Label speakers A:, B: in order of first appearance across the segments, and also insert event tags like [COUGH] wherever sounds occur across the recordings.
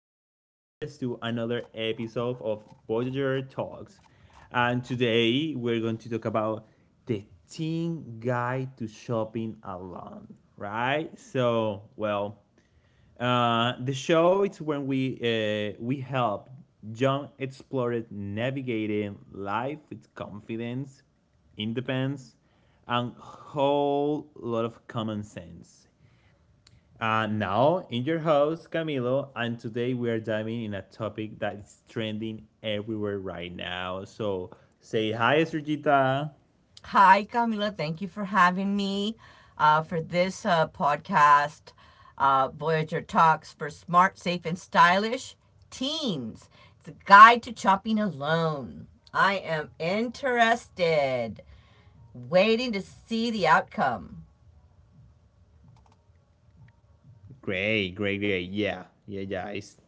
A: back, Voyagers, to another episode of Voyager Talks. And today we're going to talk about the teen guide to shopping alone, right? So, well, the show it's when we help young explorers navigating life with confidence, independence, and whole lot of common sense. Now, in your house, Camilo, and today we are diving in a topic that is trending everywhere right now. So say hi, Sergita.
B: Hi, Camila. Thank you for having me for this podcast, Voyager Talks for Smart, Safe, and Stylish Teens. It's a guide to shopping alone. I am interested, waiting to see the outcome.
A: Great, great, great. Yeah, yeah, yeah. It's,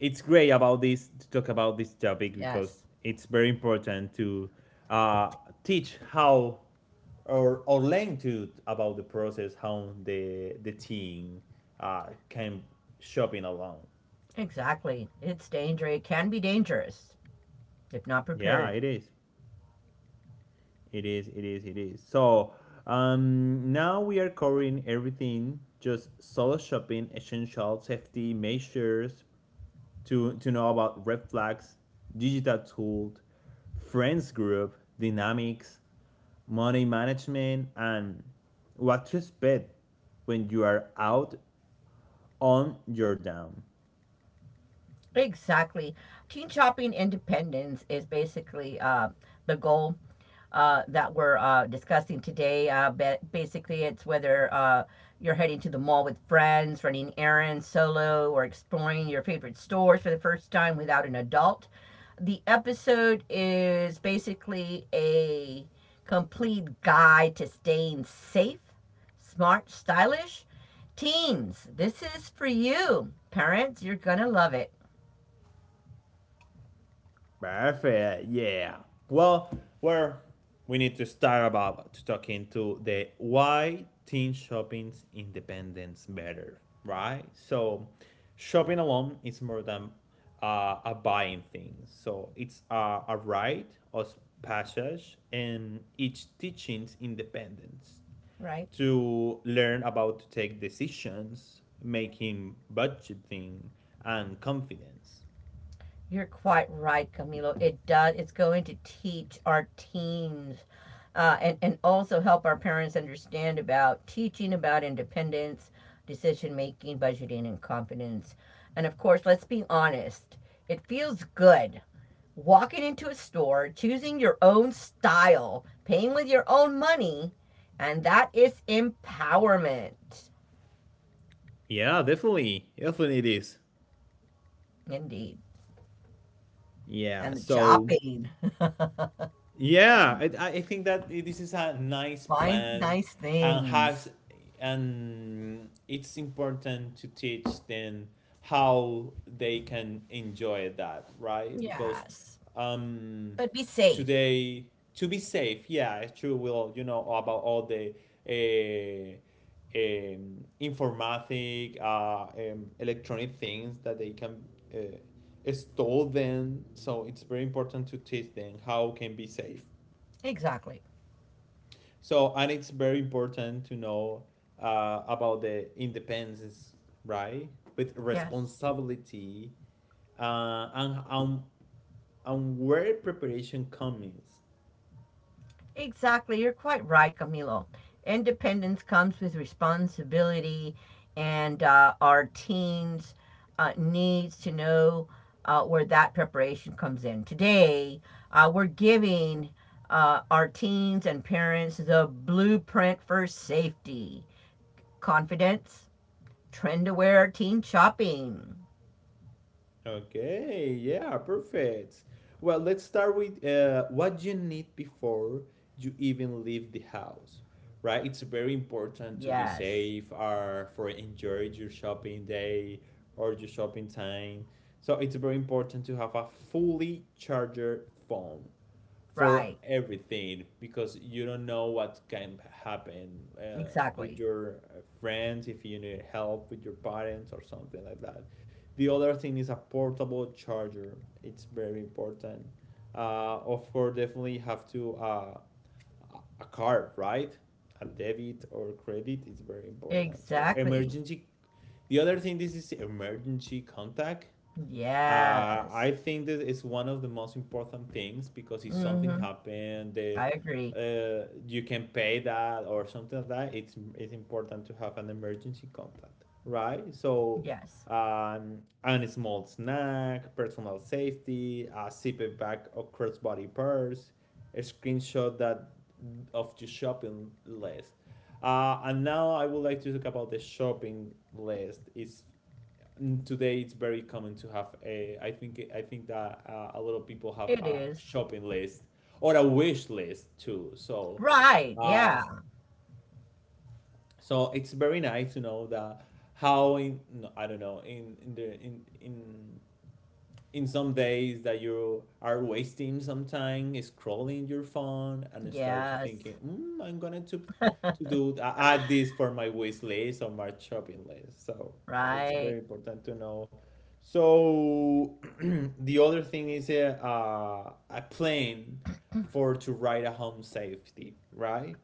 A: it's great about this to talk about this topic
B: Yes,
A: because it's very important to uh, teach how or learn to about the process how the team can shopping alone.
B: exactly. It's dangerous. It can be dangerous if not
A: Yeah,
B: prepared.
A: it is. It is, it is, it is. So now we are covering everything, just solo shopping, essential safety measures to know about red flags, digital tools, friends group, dynamics, money management, and what to expect when you are out on your down.
B: Exactly. Teen shopping independence is basically the goal that we're discussing today. Basically, it's whether you're heading to the mall with friends, running errands solo, or exploring your favorite stores for the first time without an adult. The episode is basically a complete guide to staying safe, smart, stylish. Teens, this is for you. Parents, you're going to love it,
A: Perfect. Yeah. Well, where we need to start about to talk into the why teen shopping's independence matter, right? So, shopping alone is more than a buying thing. So it's a right of passage, and each teaching's independence
B: right?
A: to learn about to take decisions, making budgeting, and confidence.
B: You're quite right, Camilo. It does. It's going to teach our teens and also help our parents understand about teaching about independence, decision making, budgeting, and confidence. And of course, let's be honest, it feels good walking into a store, choosing your own style, paying with your own money, and that is empowerment.
A: Yeah, definitely, definitely it is.
B: Indeed.
A: Yeah.
B: And the
A: So
B: shopping,
A: yeah, I think that this is a nice
B: [LAUGHS] find
A: plan
B: nice
A: and has,
B: things.
A: and it's important to teach them how they can enjoy that, right? Because
B: Yes,
A: um
B: but be safe.
A: today to be safe, yeah, it's true. We'll you know about all the uh, informatic, electronic things that they can store them. So it's very important to teach them how can be safe.
B: Exactly.
A: So and it's very important to know about the independence, right? With
B: Yes.
A: responsibility uh, and and and where preparation comes.
B: Exactly. You're quite right, Camilo. Independence comes with responsibility, and our teens needs to know where that preparation comes in. Today, we're giving our teens and parents the blueprint for safety, confidence, trend aware teen shopping.
A: Okay, yeah, perfect. Well, let's start with what you need before you even leave the house, right? It's very important to be
B: Yes,
A: safe or for enjoy your shopping day or your shopping time. So it's very important to have a fully charged phone for
B: right,
A: everything because you don't know what can happen
B: exactly,
A: with your friends if you need help with your parents or something like that. The other thing is a portable charger. It's very important. Of course, definitely have to a card, right? A debit or credit is very important. So
B: exactly.
A: emergency. The other thing this is emergency contact.
B: Yes.
A: I think that it's one of the most important things because if something
B: Mm-hmm.
A: happened,
B: I agree.
A: you can pay that or something like that. It's important to have an emergency contact, right? So,
B: Yes.
A: and a small snack, personal safety, a zipper bag or crossbody purse, a screenshot that of your shopping list. And now I would like to talk about the shopping list. It's, and today it's very common to have a. I think that a lot of people have
B: It
A: a
B: is.
A: shopping list or a wish list too. So,
B: Right.
A: uh,
B: Yeah.
A: so it's very nice to know that how in no, I don't know in the in some days that you are wasting some time scrolling your phone and start to
B: Yes.
A: thinking, I'm gonna to do add this for my wish list or my shopping list. So it's
B: Right.
A: very important to know. So [CLEARS THROAT] the other thing is a plan for to write a home safety, right?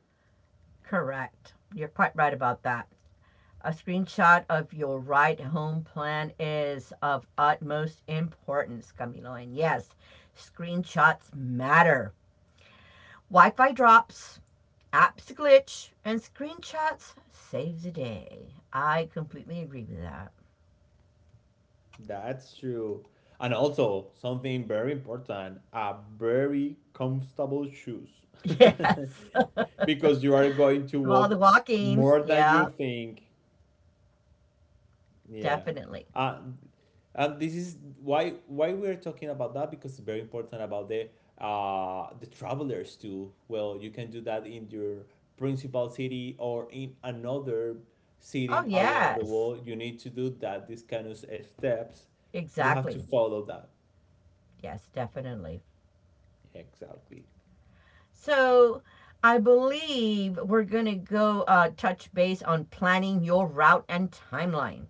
B: Correct. You're quite right about that. A screenshot of your right home plan is of utmost importance, Camilo. And yes, screenshots matter. Wi-Fi drops, apps glitch, and screenshots save the day. I completely agree with that. [LAUGHS]
A: That's true. And also something very important, a very comfortable shoes. [LAUGHS]
B: Yes.
A: Because you are going to
B: Of all
A: walk
B: the walking.
A: more than you
B: Yeah.
A: think, yeah.
B: Definitely.
A: Uh, and this is why we're talking about that, because it's very important about the the travelers too. Well, you can do that in your principal city or in another
B: Oh,
A: city around the
B: yes.
A: world. You need to do that, these kind of steps. You have to
B: Exactly.
A: follow that.
B: Yes, definitely.
A: Exactly.
B: So I believe we're going to go touch base on planning your route and timeline.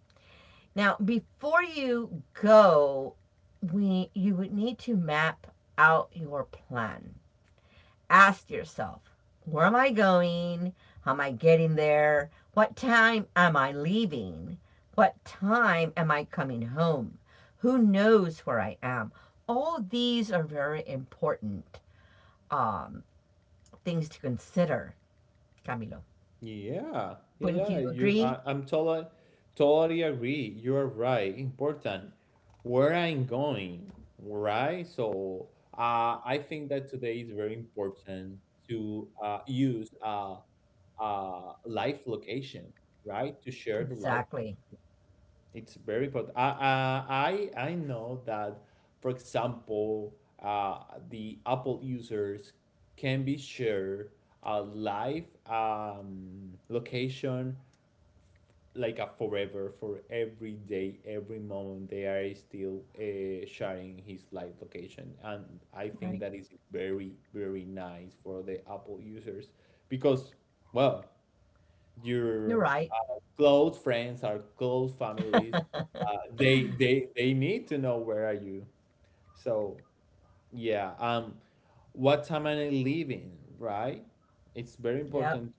B: Now, before you go, we you would need to map out your plan, ask yourself, where am I going? How am I getting there? What time am I leaving? What time am I coming home? Who knows where I am? All these are very important um, things to consider, Camilo.
A: Yeah, yeah,
B: Wouldn't
A: yeah.
B: you
A: You,
B: agree?
A: I, I'm totally, totally agree. You are right. Important. Where I'm going, right? So, I think that today is very important to use live location, right? To share the life.
B: Exactly.
A: It's very important. I know that, for example, the Apple users can be shared a live location like a forever for every day every moment they are still sharing his live location, and I
B: Right.
A: think that is very very nice for the Apple users because well,
B: You're
A: your
B: right.
A: close friends are close families. They need to know where are you. So yeah, what time are I leaving, right? It's very
B: Yep.
A: important.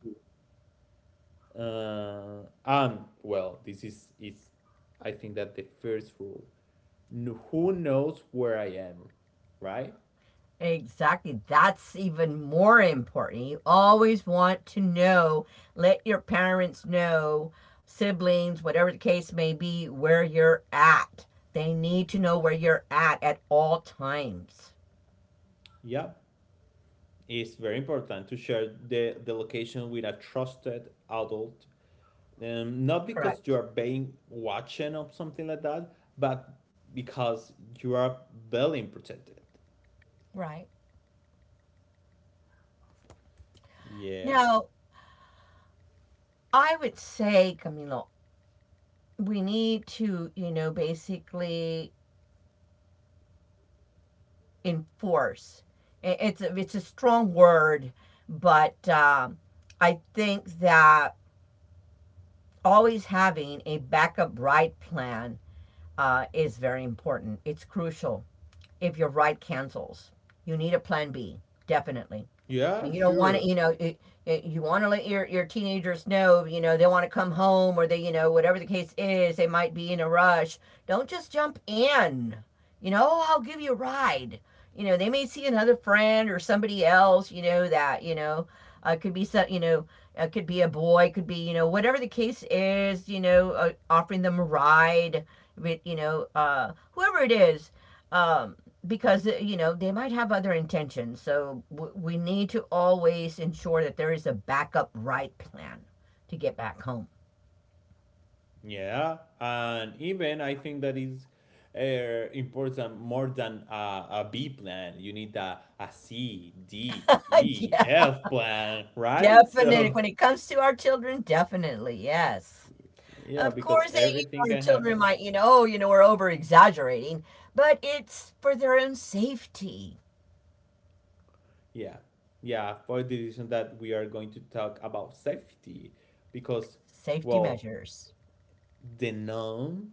A: And well, this is I think that the first rule. Who knows where I am, right?
B: Exactly. That's even more important. You always want to know, let your parents know, siblings, whatever the case may be, where you're at. They need to know where you're at all times.
A: Yeah, it's very important to share the location with a trusted adult. Not because you
B: Correct.
A: are being watching or something like that, but because you are being protected.
B: Right.
A: Yeah.
B: Now, I would say, Camilo, we need to, you know, basically enforce. It's a strong word, but I think that always having a backup ride plan is very important. It's crucial. If your ride cancels, you need a plan B, definitely.
A: Yeah,
B: And you don't want to,
A: sure.
B: you know, you want to let your teenagers know, you know, they want to come home, or they, you know, whatever the case is, they might be in a rush. Don't just jump in, you know, "Oh, I'll give you a ride," you know, they may see another friend or somebody else, you know, that, you know, could be some, you know, could be a boy, could be, you know, whatever the case is, you know, offering them a ride with, you know, whoever it is, um, because you know, they might have other intentions, so we need to always ensure that there is a backup right plan to get back home.
A: Yeah, and even I think that is important more than a B plan. You need a C, D,
B: [LAUGHS]
A: E,
B: Yeah,
A: F plan, right? [LAUGHS]
B: definitely
A: So,
B: when it comes to our children. Definitely, yes.
A: yeah,
B: Of
A: because
B: course they, you
A: everything
B: know, our
A: can
B: children
A: happen.
B: might, you know, oh, you know, we're over exaggerating, but it's for their own safety.
A: Yeah, yeah, for the reason that we are going to talk about safety, because,
B: Safety
A: well,
B: measures,
A: the known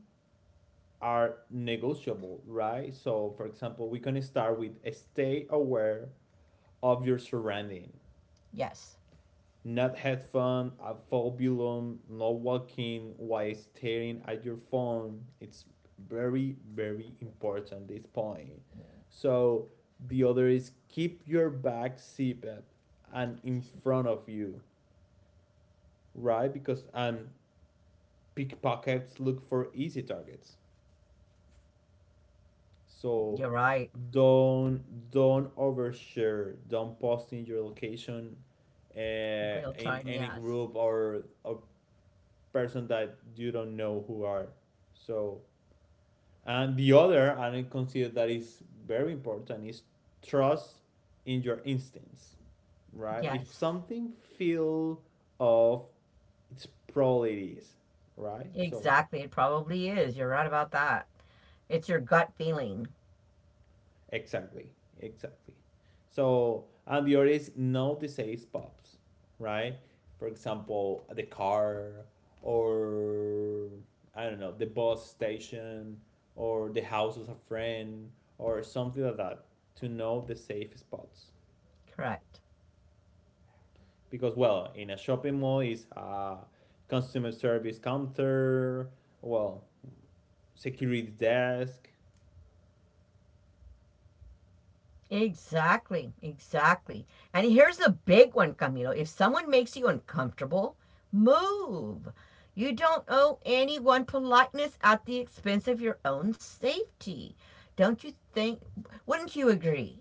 A: are negotiable, right? So, for example, we can start with stay aware of your surrounding,
B: yes.
A: not had fun, a fobulum, not walking while staring at your phone. It's very, very important this point. So the other is keep your bag zipped and in front of you, right? Because and pickpockets look for easy targets. So
B: You're right.
A: don't overshare, don't post in your location uh,
B: Real
A: in
B: time,
A: any
B: yes.
A: group, or person that you don't know who are. So and the other, and I consider that is very important, is trust in your instincts, right? If
B: Yes,
A: something feel off, it's probably it is, right? So,
B: exactly, it probably is. You're right about that. It's your gut feeling.
A: exactly, exactly. So, and the artist now disays pops, right? For example, the car, or I don't know, the bus station, or the house of a friend, or something like that, to know the safe spots.
B: Correct.
A: Because, well, in a shopping mall is a customer service counter, well, security desk.
B: Exactly. Exactly. And here's the big one, Camilo. If someone makes you uncomfortable, move. You don't owe anyone politeness at the expense of your own safety. Don't you think? Wouldn't you agree?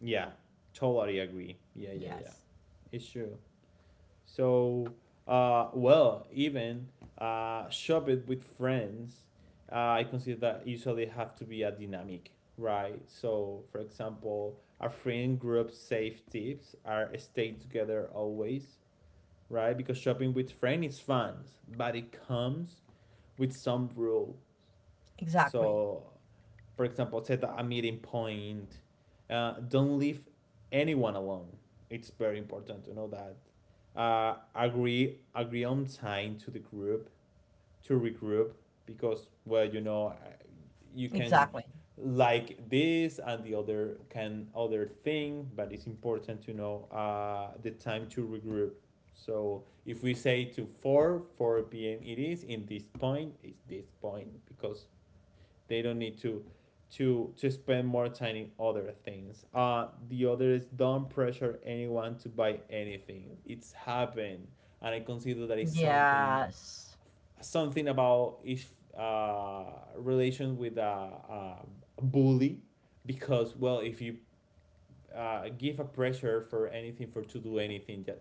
A: Yeah, totally agree. Yeah, yeah, yeah.
B: Yes.
A: It's true. So, well, even shop it with friends. I consider that usually have to be a dynamic, right? So, for example, a friend group safe tips are stay together always, right? Because shopping with friends is fun, but it comes with some rule.
B: Exactly.
A: So, for example, set a meeting point. Don't leave anyone alone. It's very important to know that. Agree on time to the group to regroup, because well you can
B: Exactly.
A: like this and the other can other thing, but it's important to know the time to regroup. So if we say to 4 4 p.m., it is in this point, it's this point because they don't need to to spend more time in other things. Uh the other is don't pressure anyone to buy anything. It's happened, and I consider that is something
B: Yes.
A: something about if uh relation with a bully. Because well if you give a pressure for anything for to do anything, just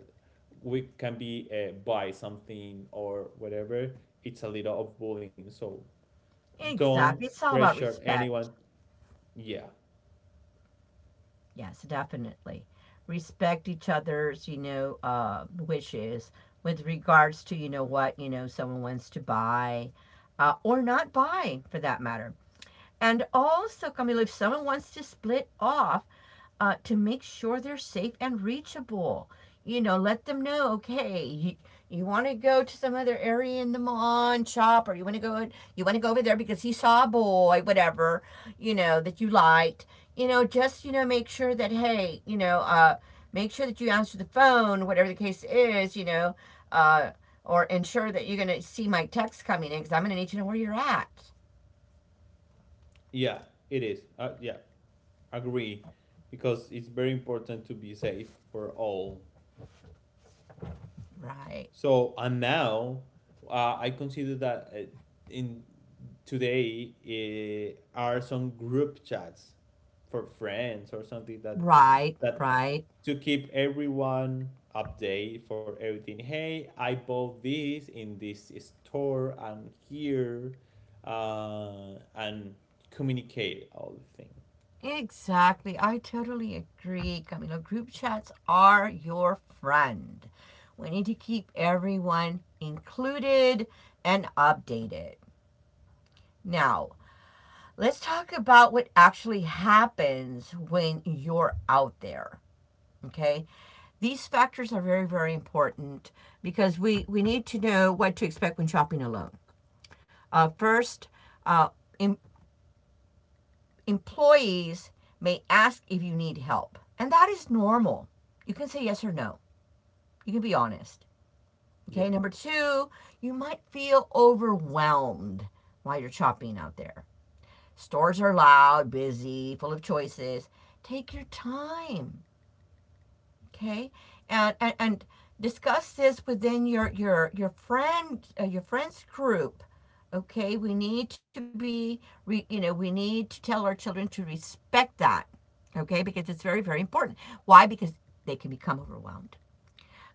A: we can be buy something or whatever. It's a little of bullying. So don't
B: Exactly. It's all about
A: pressure anyone,
B: respect.
A: yeah.
B: Yes, definitely. Respect each other's, you know, wishes with regards to, you know, what, you know, someone wants to buy or not buy for that matter. And also, Camilo, if someone wants to split off, to make sure they're safe and reachable. You know, let them know, okay, you want to go to some other area in the mall and shop, or you want to go, you want to go over there because he saw a boy, whatever, you know, that you liked. You know, just, you know, make sure that, hey, you know, make sure that you answer the phone, whatever the case is, you know, uh, or ensure that you're going to see my text coming in because I'm going to need to know where you're at.
A: Yeah, it is. Yeah, agree, because it's very important to be safe for all.
B: Right.
A: So and now, I consider that in today are some group chats for friends or something that
B: Right.
A: that
B: Right.
A: to keep everyone update for everything. Hey, I bought this in this store. I'm here, and communicate all the thing.
B: Exactly. I totally agree, Camilo. Group chats are your friend. We need to keep everyone included and updated. Now, let's talk about what actually happens when you're out there. Okay, these factors are very, very important because we need to know what to expect when shopping alone. First, uh, im- employees may ask if you need help, and that is normal. You can say yes or no, you can be honest. Okay,
A: Yeah.
B: number two, you might feel overwhelmed while you're shopping out there. Stores are loud, busy, full of choices. Take your time, okay, and discuss this within your friends group. Okay, we need to be, you know, we need to tell our children to respect that. Okay, because it's very, very important. Why? Because they can become overwhelmed.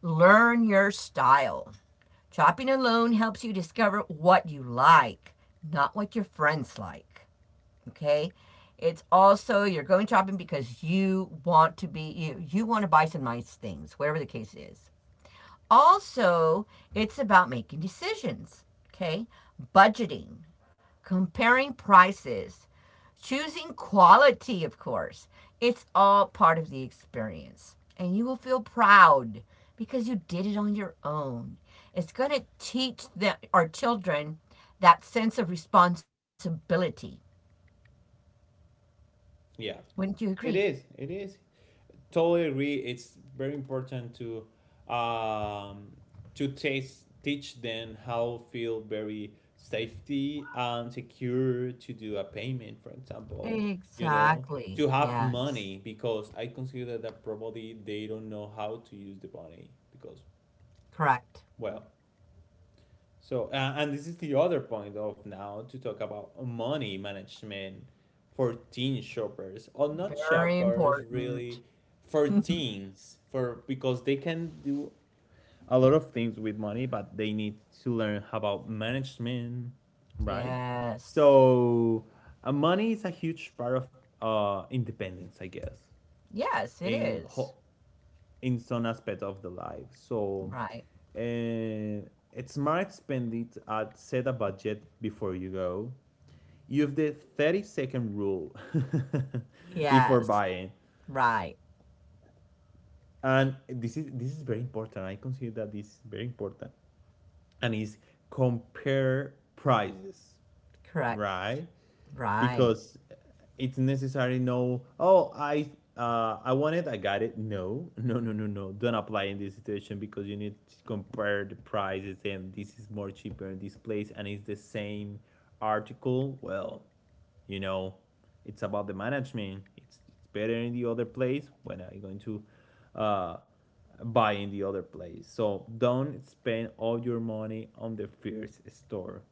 B: Learn your style. Chopping alone helps you discover what you like, not what your friends like. Okay. It's also, you're going shopping because you want to be you. You want to buy some nice things, whatever the case is. Also, it's about making decisions, okay? Budgeting, comparing prices, choosing quality, of course. It's all part of the experience. And you will feel proud because you did it on your own. It's going to teach our children that sense of responsibility.
A: Yeah,
B: Wouldn't you agree?
A: it is. It is. Totally agree. It's very important to um, teach them how feel very safety and secure to do a payment, for example. You know,
B: Exactly.
A: to have
B: Yes.
A: money because I consider that probably they don't know how to use the money because
B: Correct.
A: well, so, and this is the other point of now to talk about money management for teen shoppers or not
B: Very
A: shoppers
B: important.
A: really, for
B: [LAUGHS]
A: teens, for because they can do a lot of things with money, but they need to learn about management, right?
B: Yes.
A: So, money is a huge part of independence, I guess,
B: Yes, it
A: in
B: is.
A: ho- in some aspect of the life. So
B: Right.
A: uh, it's smart spend it at set a budget before you go. Use the 30-second rule [LAUGHS] before
B: Yes.
A: buying.
B: Right.
A: And this is very important. I consider that this is very important. And is compare prices,
B: Correct.
A: right?
B: Right.
A: because it's necessary. No, oh I want it, I got it. No, [LAUGHS] no, no, no, no, don't apply in this situation, because you need to compare the prices, and this is more cheaper in this place, and it's the same article. You know it's about the management. It's better in the other place. When are you going to uh buy in the other place? So don't spend all your money on the first store.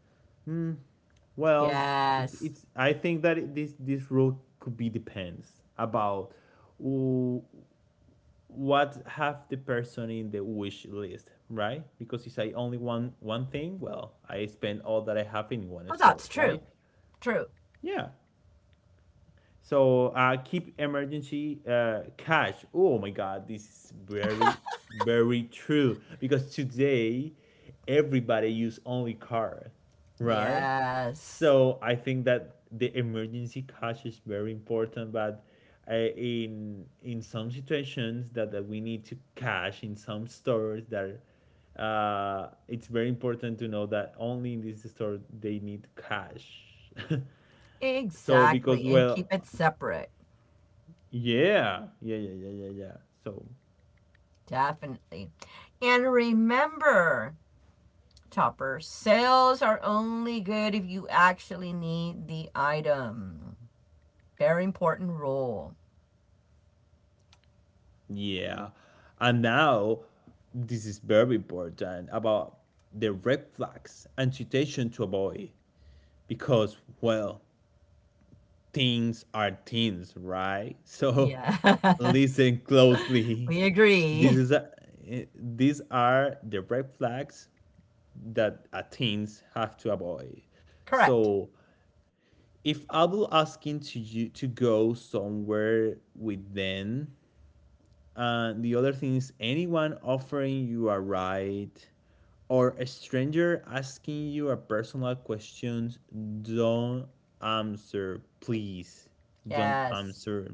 A: well, it's
B: Yes.
A: it's. I think that this rule could be depends about wh- what have the person in the wish list, right? Because if I only want one thing, well, I spend all that I have in one
B: Well,
A: store,
B: that's true.
A: right?
B: True.
A: Yeah. So keep emergency cash. Oh my God, this is very, very true. Because today, everybody use only card, right?
B: Yes.
A: So I think that the emergency cash is very important. But in some situations that we need to cash in some stores that it's very important to know that only in this store they need cash. [LAUGHS] So because
B: Exactly. And keep it separate.
A: yeah, yeah, yeah, yeah, yeah, yeah. So
B: Definitely. And remember, Topper, sales are only good if you actually need the item. Very important rule.
A: yeah, and now this is very important about the red flags and situation to avoid, because well, things are things, right? So [LAUGHS]
B: Yes. [LAUGHS]
A: listen closely.
B: We
A: This
B: agree.
A: is a, eh, these are the red flags that a teens have to avoid.
B: Correct.
A: So if I will asking to you to go somewhere with them. And the other thing is anyone offering you a ride or a stranger asking you a personal question, don't answer, please. Don't
B: Yes.
A: answer,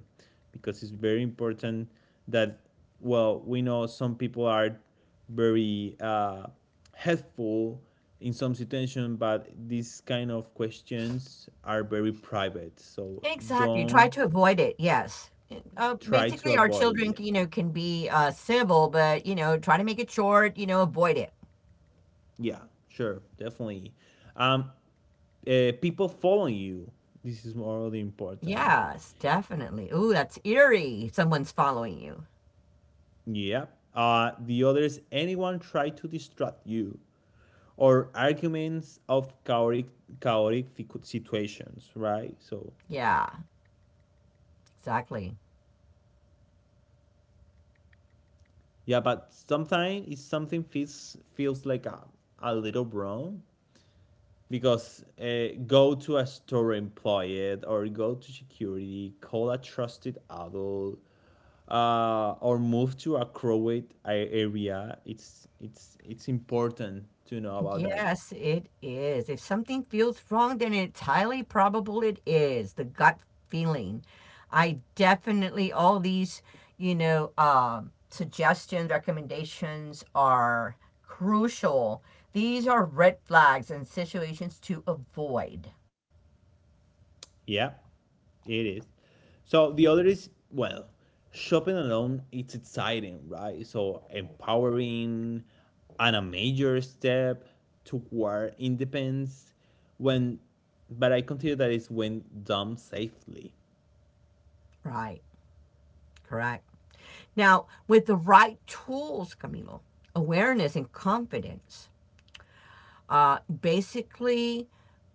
A: because it's very important that, well, we know some people are very helpful in some situation, but these kind of questions are very private. So
B: Exactly. Try
A: don't,
B: to avoid it. Yes.
A: try to
B: Basically, our children,
A: avoid.
B: you know, can be civil, but you know, try to make it short. You know, avoid it.
A: Yeah, sure, definitely. Um, people following you. This is more morally important.
B: Yes, definitely. Ooh, that's eerie. Someone's following you.
A: Yep. The others, anyone try to distract you or arguments of chaotic, chaotic situations, right? So
B: Yeah, exactly.
A: yeah, but sometimes it's something feels like a little wrong, because go to a store employee or go to security, call a trusted adult or move to a crowded area. It's important to know about that.
B: Yes, it is. If something feels wrong, then it's highly probable it is. The gut feeling. I definitely, all these, you know, suggestions, recommendations are crucial. These are red flags and situations to avoid.
A: Yeah, it is. So the other is, well, shopping alone. It's exciting, right? So empowering and a major step toward independence. When, but I consider that it's when done safely.
B: Right, correct. Now, with the right tools, Camilo, awareness and confidence, basically,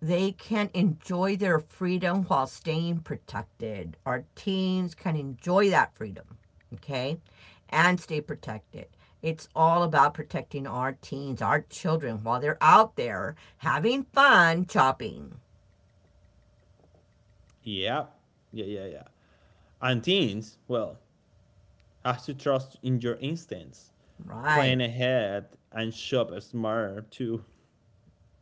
B: they can enjoy their freedom while staying protected. Our teens can enjoy that freedom, okay, and stay protected. It's all about protecting our teens, our children, while they're out there having fun shopping.
A: Yeah, yeah, yeah, yeah. And teens, well, has to trust in your instincts, plan
B: Right.
A: ahead, and shop smarter too.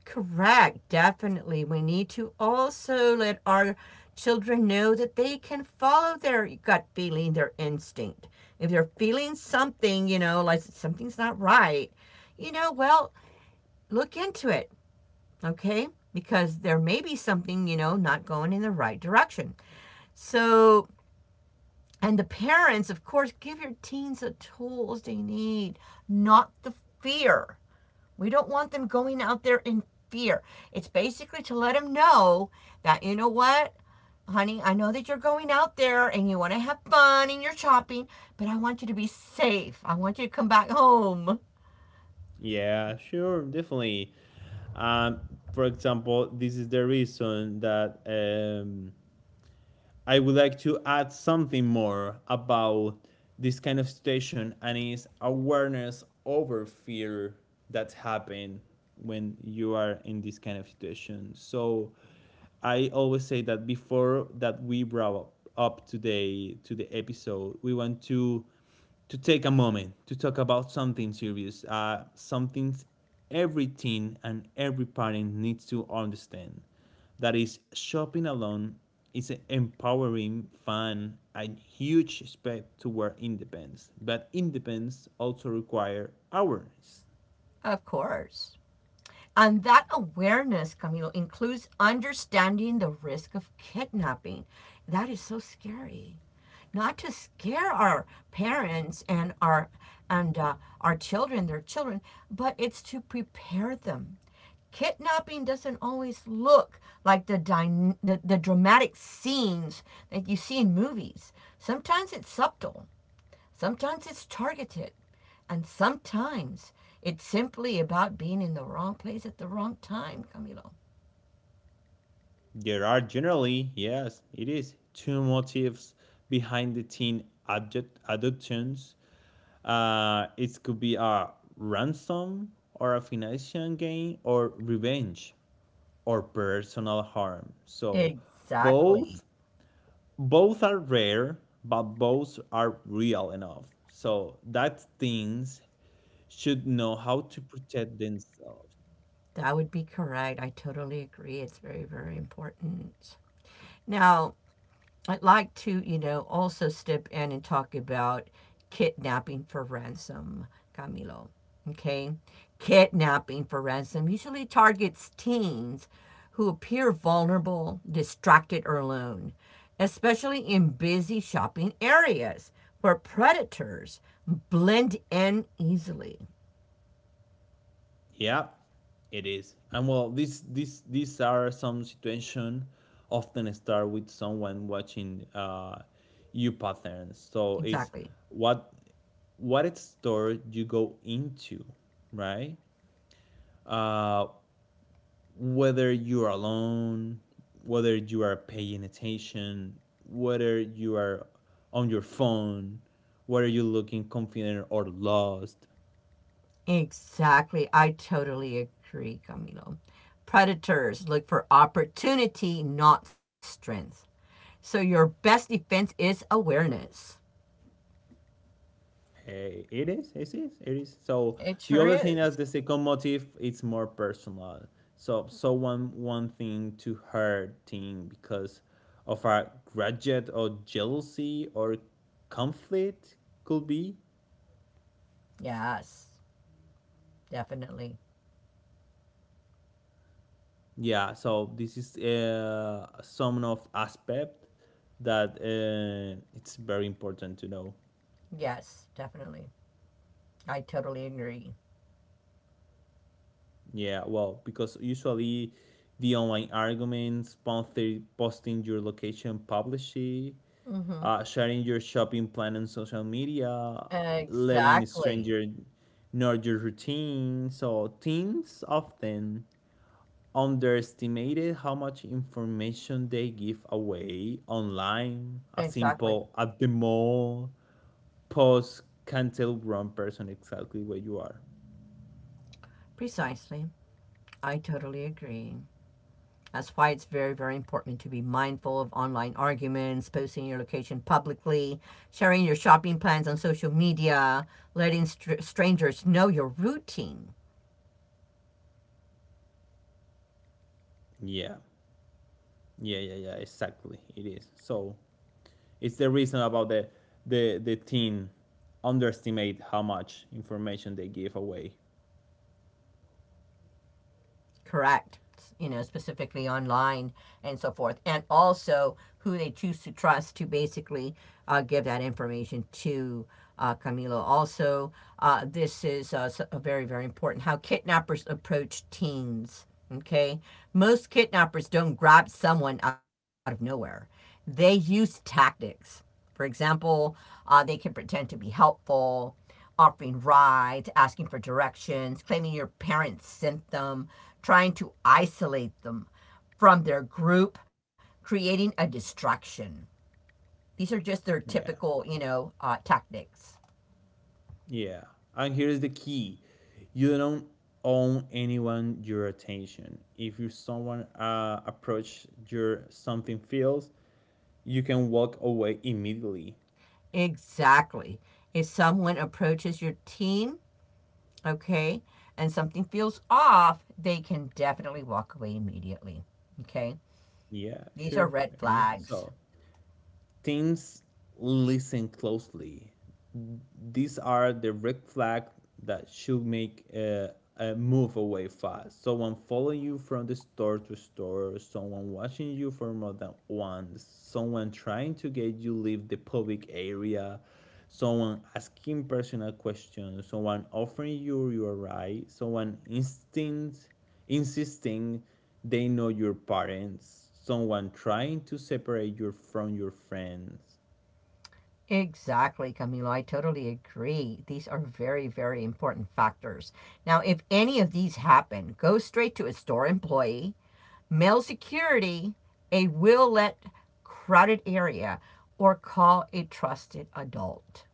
B: Correct, definitely. We need to also let our children know that they can follow their gut feeling, their instinct. If they're feeling something, you know, like something's not right, you know, well, look into it, okay? Because there may be something, you know, not going in the right direction. So, and the parents, of course, give your teens the tools they need, not the fear. We don't want them going out there in fear. It's basically to let them know that, you know what, honey, I know that you're going out there and you want to have fun and you're shopping, but I want you to be safe. I want you to come back home.
A: Yeah, sure, definitely. Um, for example, this is the reason that I would like to add something more about this kind of situation, and is awareness over fear that happen when you are in this kind of situation. So I always say that before that we brought up today to the episode, we want to take a moment to talk about something serious, something every teen and every parent needs to understand. That is, shopping alone is an empowering, fun, and huge step toward independence. But independence also requires awareness.
B: Of course. And that awareness, Camilo, includes understanding the risk of kidnapping. That is so scary, not to scare our parents and and uh, our children, their children, but it's to prepare them. Kidnapping doesn't always look like the, dyna- the dramatic scenes that you see in movies. Sometimes it's subtle, sometimes it's targeted, and sometimes it's simply about being in the wrong place at the wrong time, Camilo.
A: There are generally, yes, it is, two motives behind the teen adult adoptions. It could be a ransom or a financial gain or revenge or personal harm. So
B: Exactly.
A: both both are rare, but both are real enough. So that things should know how to protect themselves.
B: That would be correct. I totally agree. It's very, very important. Now, I'd like to, you know, also step in and talk about kidnapping for ransom, Camilo. Okay? Kidnapping for ransom usually targets teens who appear vulnerable, distracted, or alone, especially in busy shopping areas where predators blend in easily.
A: Yeah, it is. And well, this these are some situation, often start with someone watching you patterns. So it's
B: Exactly.
A: what what store you go into, right? Uh, whether you are alone, whether you are paying attention, whether you are on your phone, whether you're looking confident or lost.
B: Exactly. I totally agree, Camilo. Predators look for opportunity, not strength. So your best defense is awareness.
A: It is, it is, it is. So
B: It
A: the
B: sure
A: other thing
B: is.
A: as the second motive, it's more personal. So someone one thing to hurt thing because of a grudge or jealousy or conflict, could be.
B: Yes, definitely.
A: Yeah. So this is some of aspect that it's very important to know.
B: Yes, definitely. I totally agree.
A: Yeah, well, because usually the online arguments, posting your location publicly,
B: Hmm.
A: sharing your shopping plan on social media, letting a
B: Exactly.
A: stranger know your routine. So teens often underestimated how much information they give away online. A
B: Exactly.
A: simple "at the mall" post can tell one person exactly where you are.
B: Precisely. I totally agree. That's why it's very, very important to be mindful of online arguments, posting your location publicly, sharing your shopping plans on social media, letting strangers know your routine.
A: Yeah, yeah, yeah, yeah. Exactly, it is. So it's the reason about the teen underestimate how much information they give away.
B: Correct. You know, specifically online and so forth, and also who they choose to trust to basically give that information to Camilo. Also, this is very, very important how kidnappers approach teens. Okay, most kidnappers don't grab someone out of nowhere, they use tactics. For example, they can pretend to be helpful, offering rides, asking for directions, claiming your parents sent them, trying to isolate them from their group, creating a distraction. These are just their
A: Yeah.
B: typical, you know, tactics.
A: Yeah. And here's the key, you don't own anyone your attention. If you someone approach your something feels, you can walk away immediately.
B: Exactly. If someone approaches your team, okay, and something feels off, they can definitely walk away immediately. Okay.
A: Yeah,
B: These are
A: sure.
B: red
A: there It is.
B: flags.
A: So Teams, listen closely. These are the red flags that should make a move away fast. Someone following you from the store to store, someone watching you for more than once, someone trying to get you leave the public area, someone asking personal questions, someone offering you your right, someone instinct insisting they know your parents, someone trying to separate you from your friends.
B: Exactly, Camilo. I totally agree. These are very, very important factors. Now, if any of these happen, go straight to a store employee, mail security, a will let crowded area, or call a trusted adult.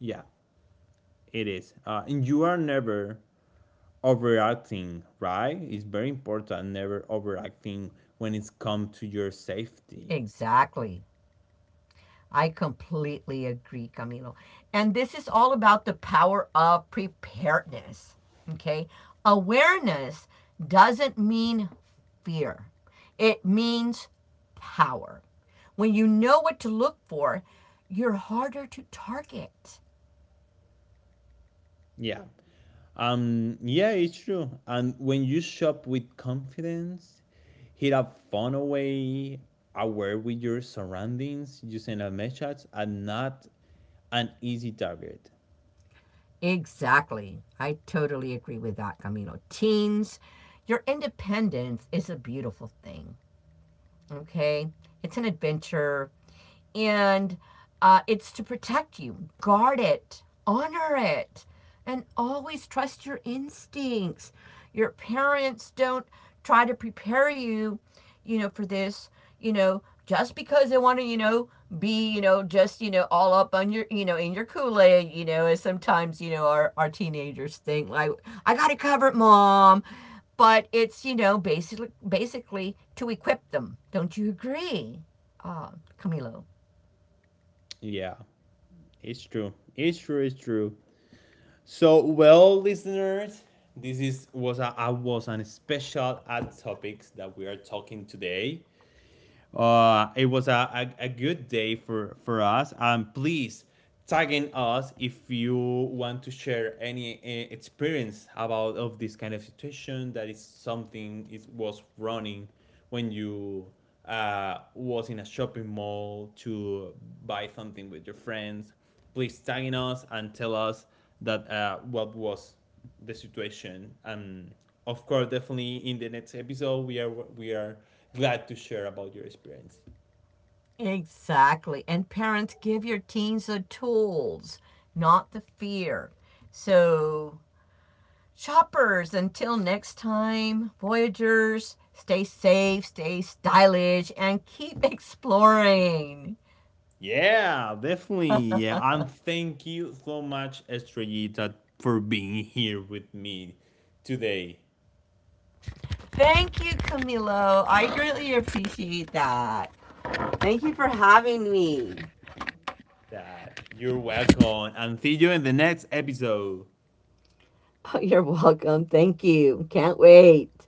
A: Yeah, it is. And you are never overacting, right? It's very important, never overacting when it's come to your safety.
B: Exactly. I completely agree, Camilo. And this is all about the power of preparedness. Okay. Awareness doesn't mean fear, it means power. When you know what to look for, you're harder to target.
A: Yeah. Yeah, it's true. And when you shop with confidence, hit a fun away, aware with your surroundings, using a message and not an easy target.
B: Exactly. I totally agree with that, Camilo. Teens, your independence is a beautiful thing. Okay, it's an adventure, and it's to protect you, guard it, honor it, and always trust your instincts. Your parents don't try to prepare you, you know, for this, you know, just because they want to, you know, be, you know, just, you know, all up on your, you know, in your Kool Aid, you know, as sometimes, you know, our teenagers think, like, I got to cover it, covered, mom, but it's, you know, basically to equip them. Don't you agree, uh, Camilo?
A: Yeah, it's true. It's true. It's true. So, well, listeners, this is was a was an special ad topics that we are talking today. It was a good day for us. And please tagging us if you want to share any experience about of this kind of situation that is something it was running when you was in a shopping mall to buy something with your friends. Please tagging us and tell us that what was the situation, and of course definitely in the next episode we are glad to share about your experience.
B: Exactly. And parents, give your teens the tools, not the fear. So, shoppers, until next time, Voyagers, stay safe, stay stylish, and keep [LAUGHS] exploring.
A: Yeah, definitely, yeah, and thank you so much, estrellita, for being here with me today.
B: Thank you, Camilo. I greatly appreciate that. Thank you for having me.
A: That you're welcome, and see you in the next episode.
B: [LAUGHS] Oh, you're welcome. Thank you. Can't wait.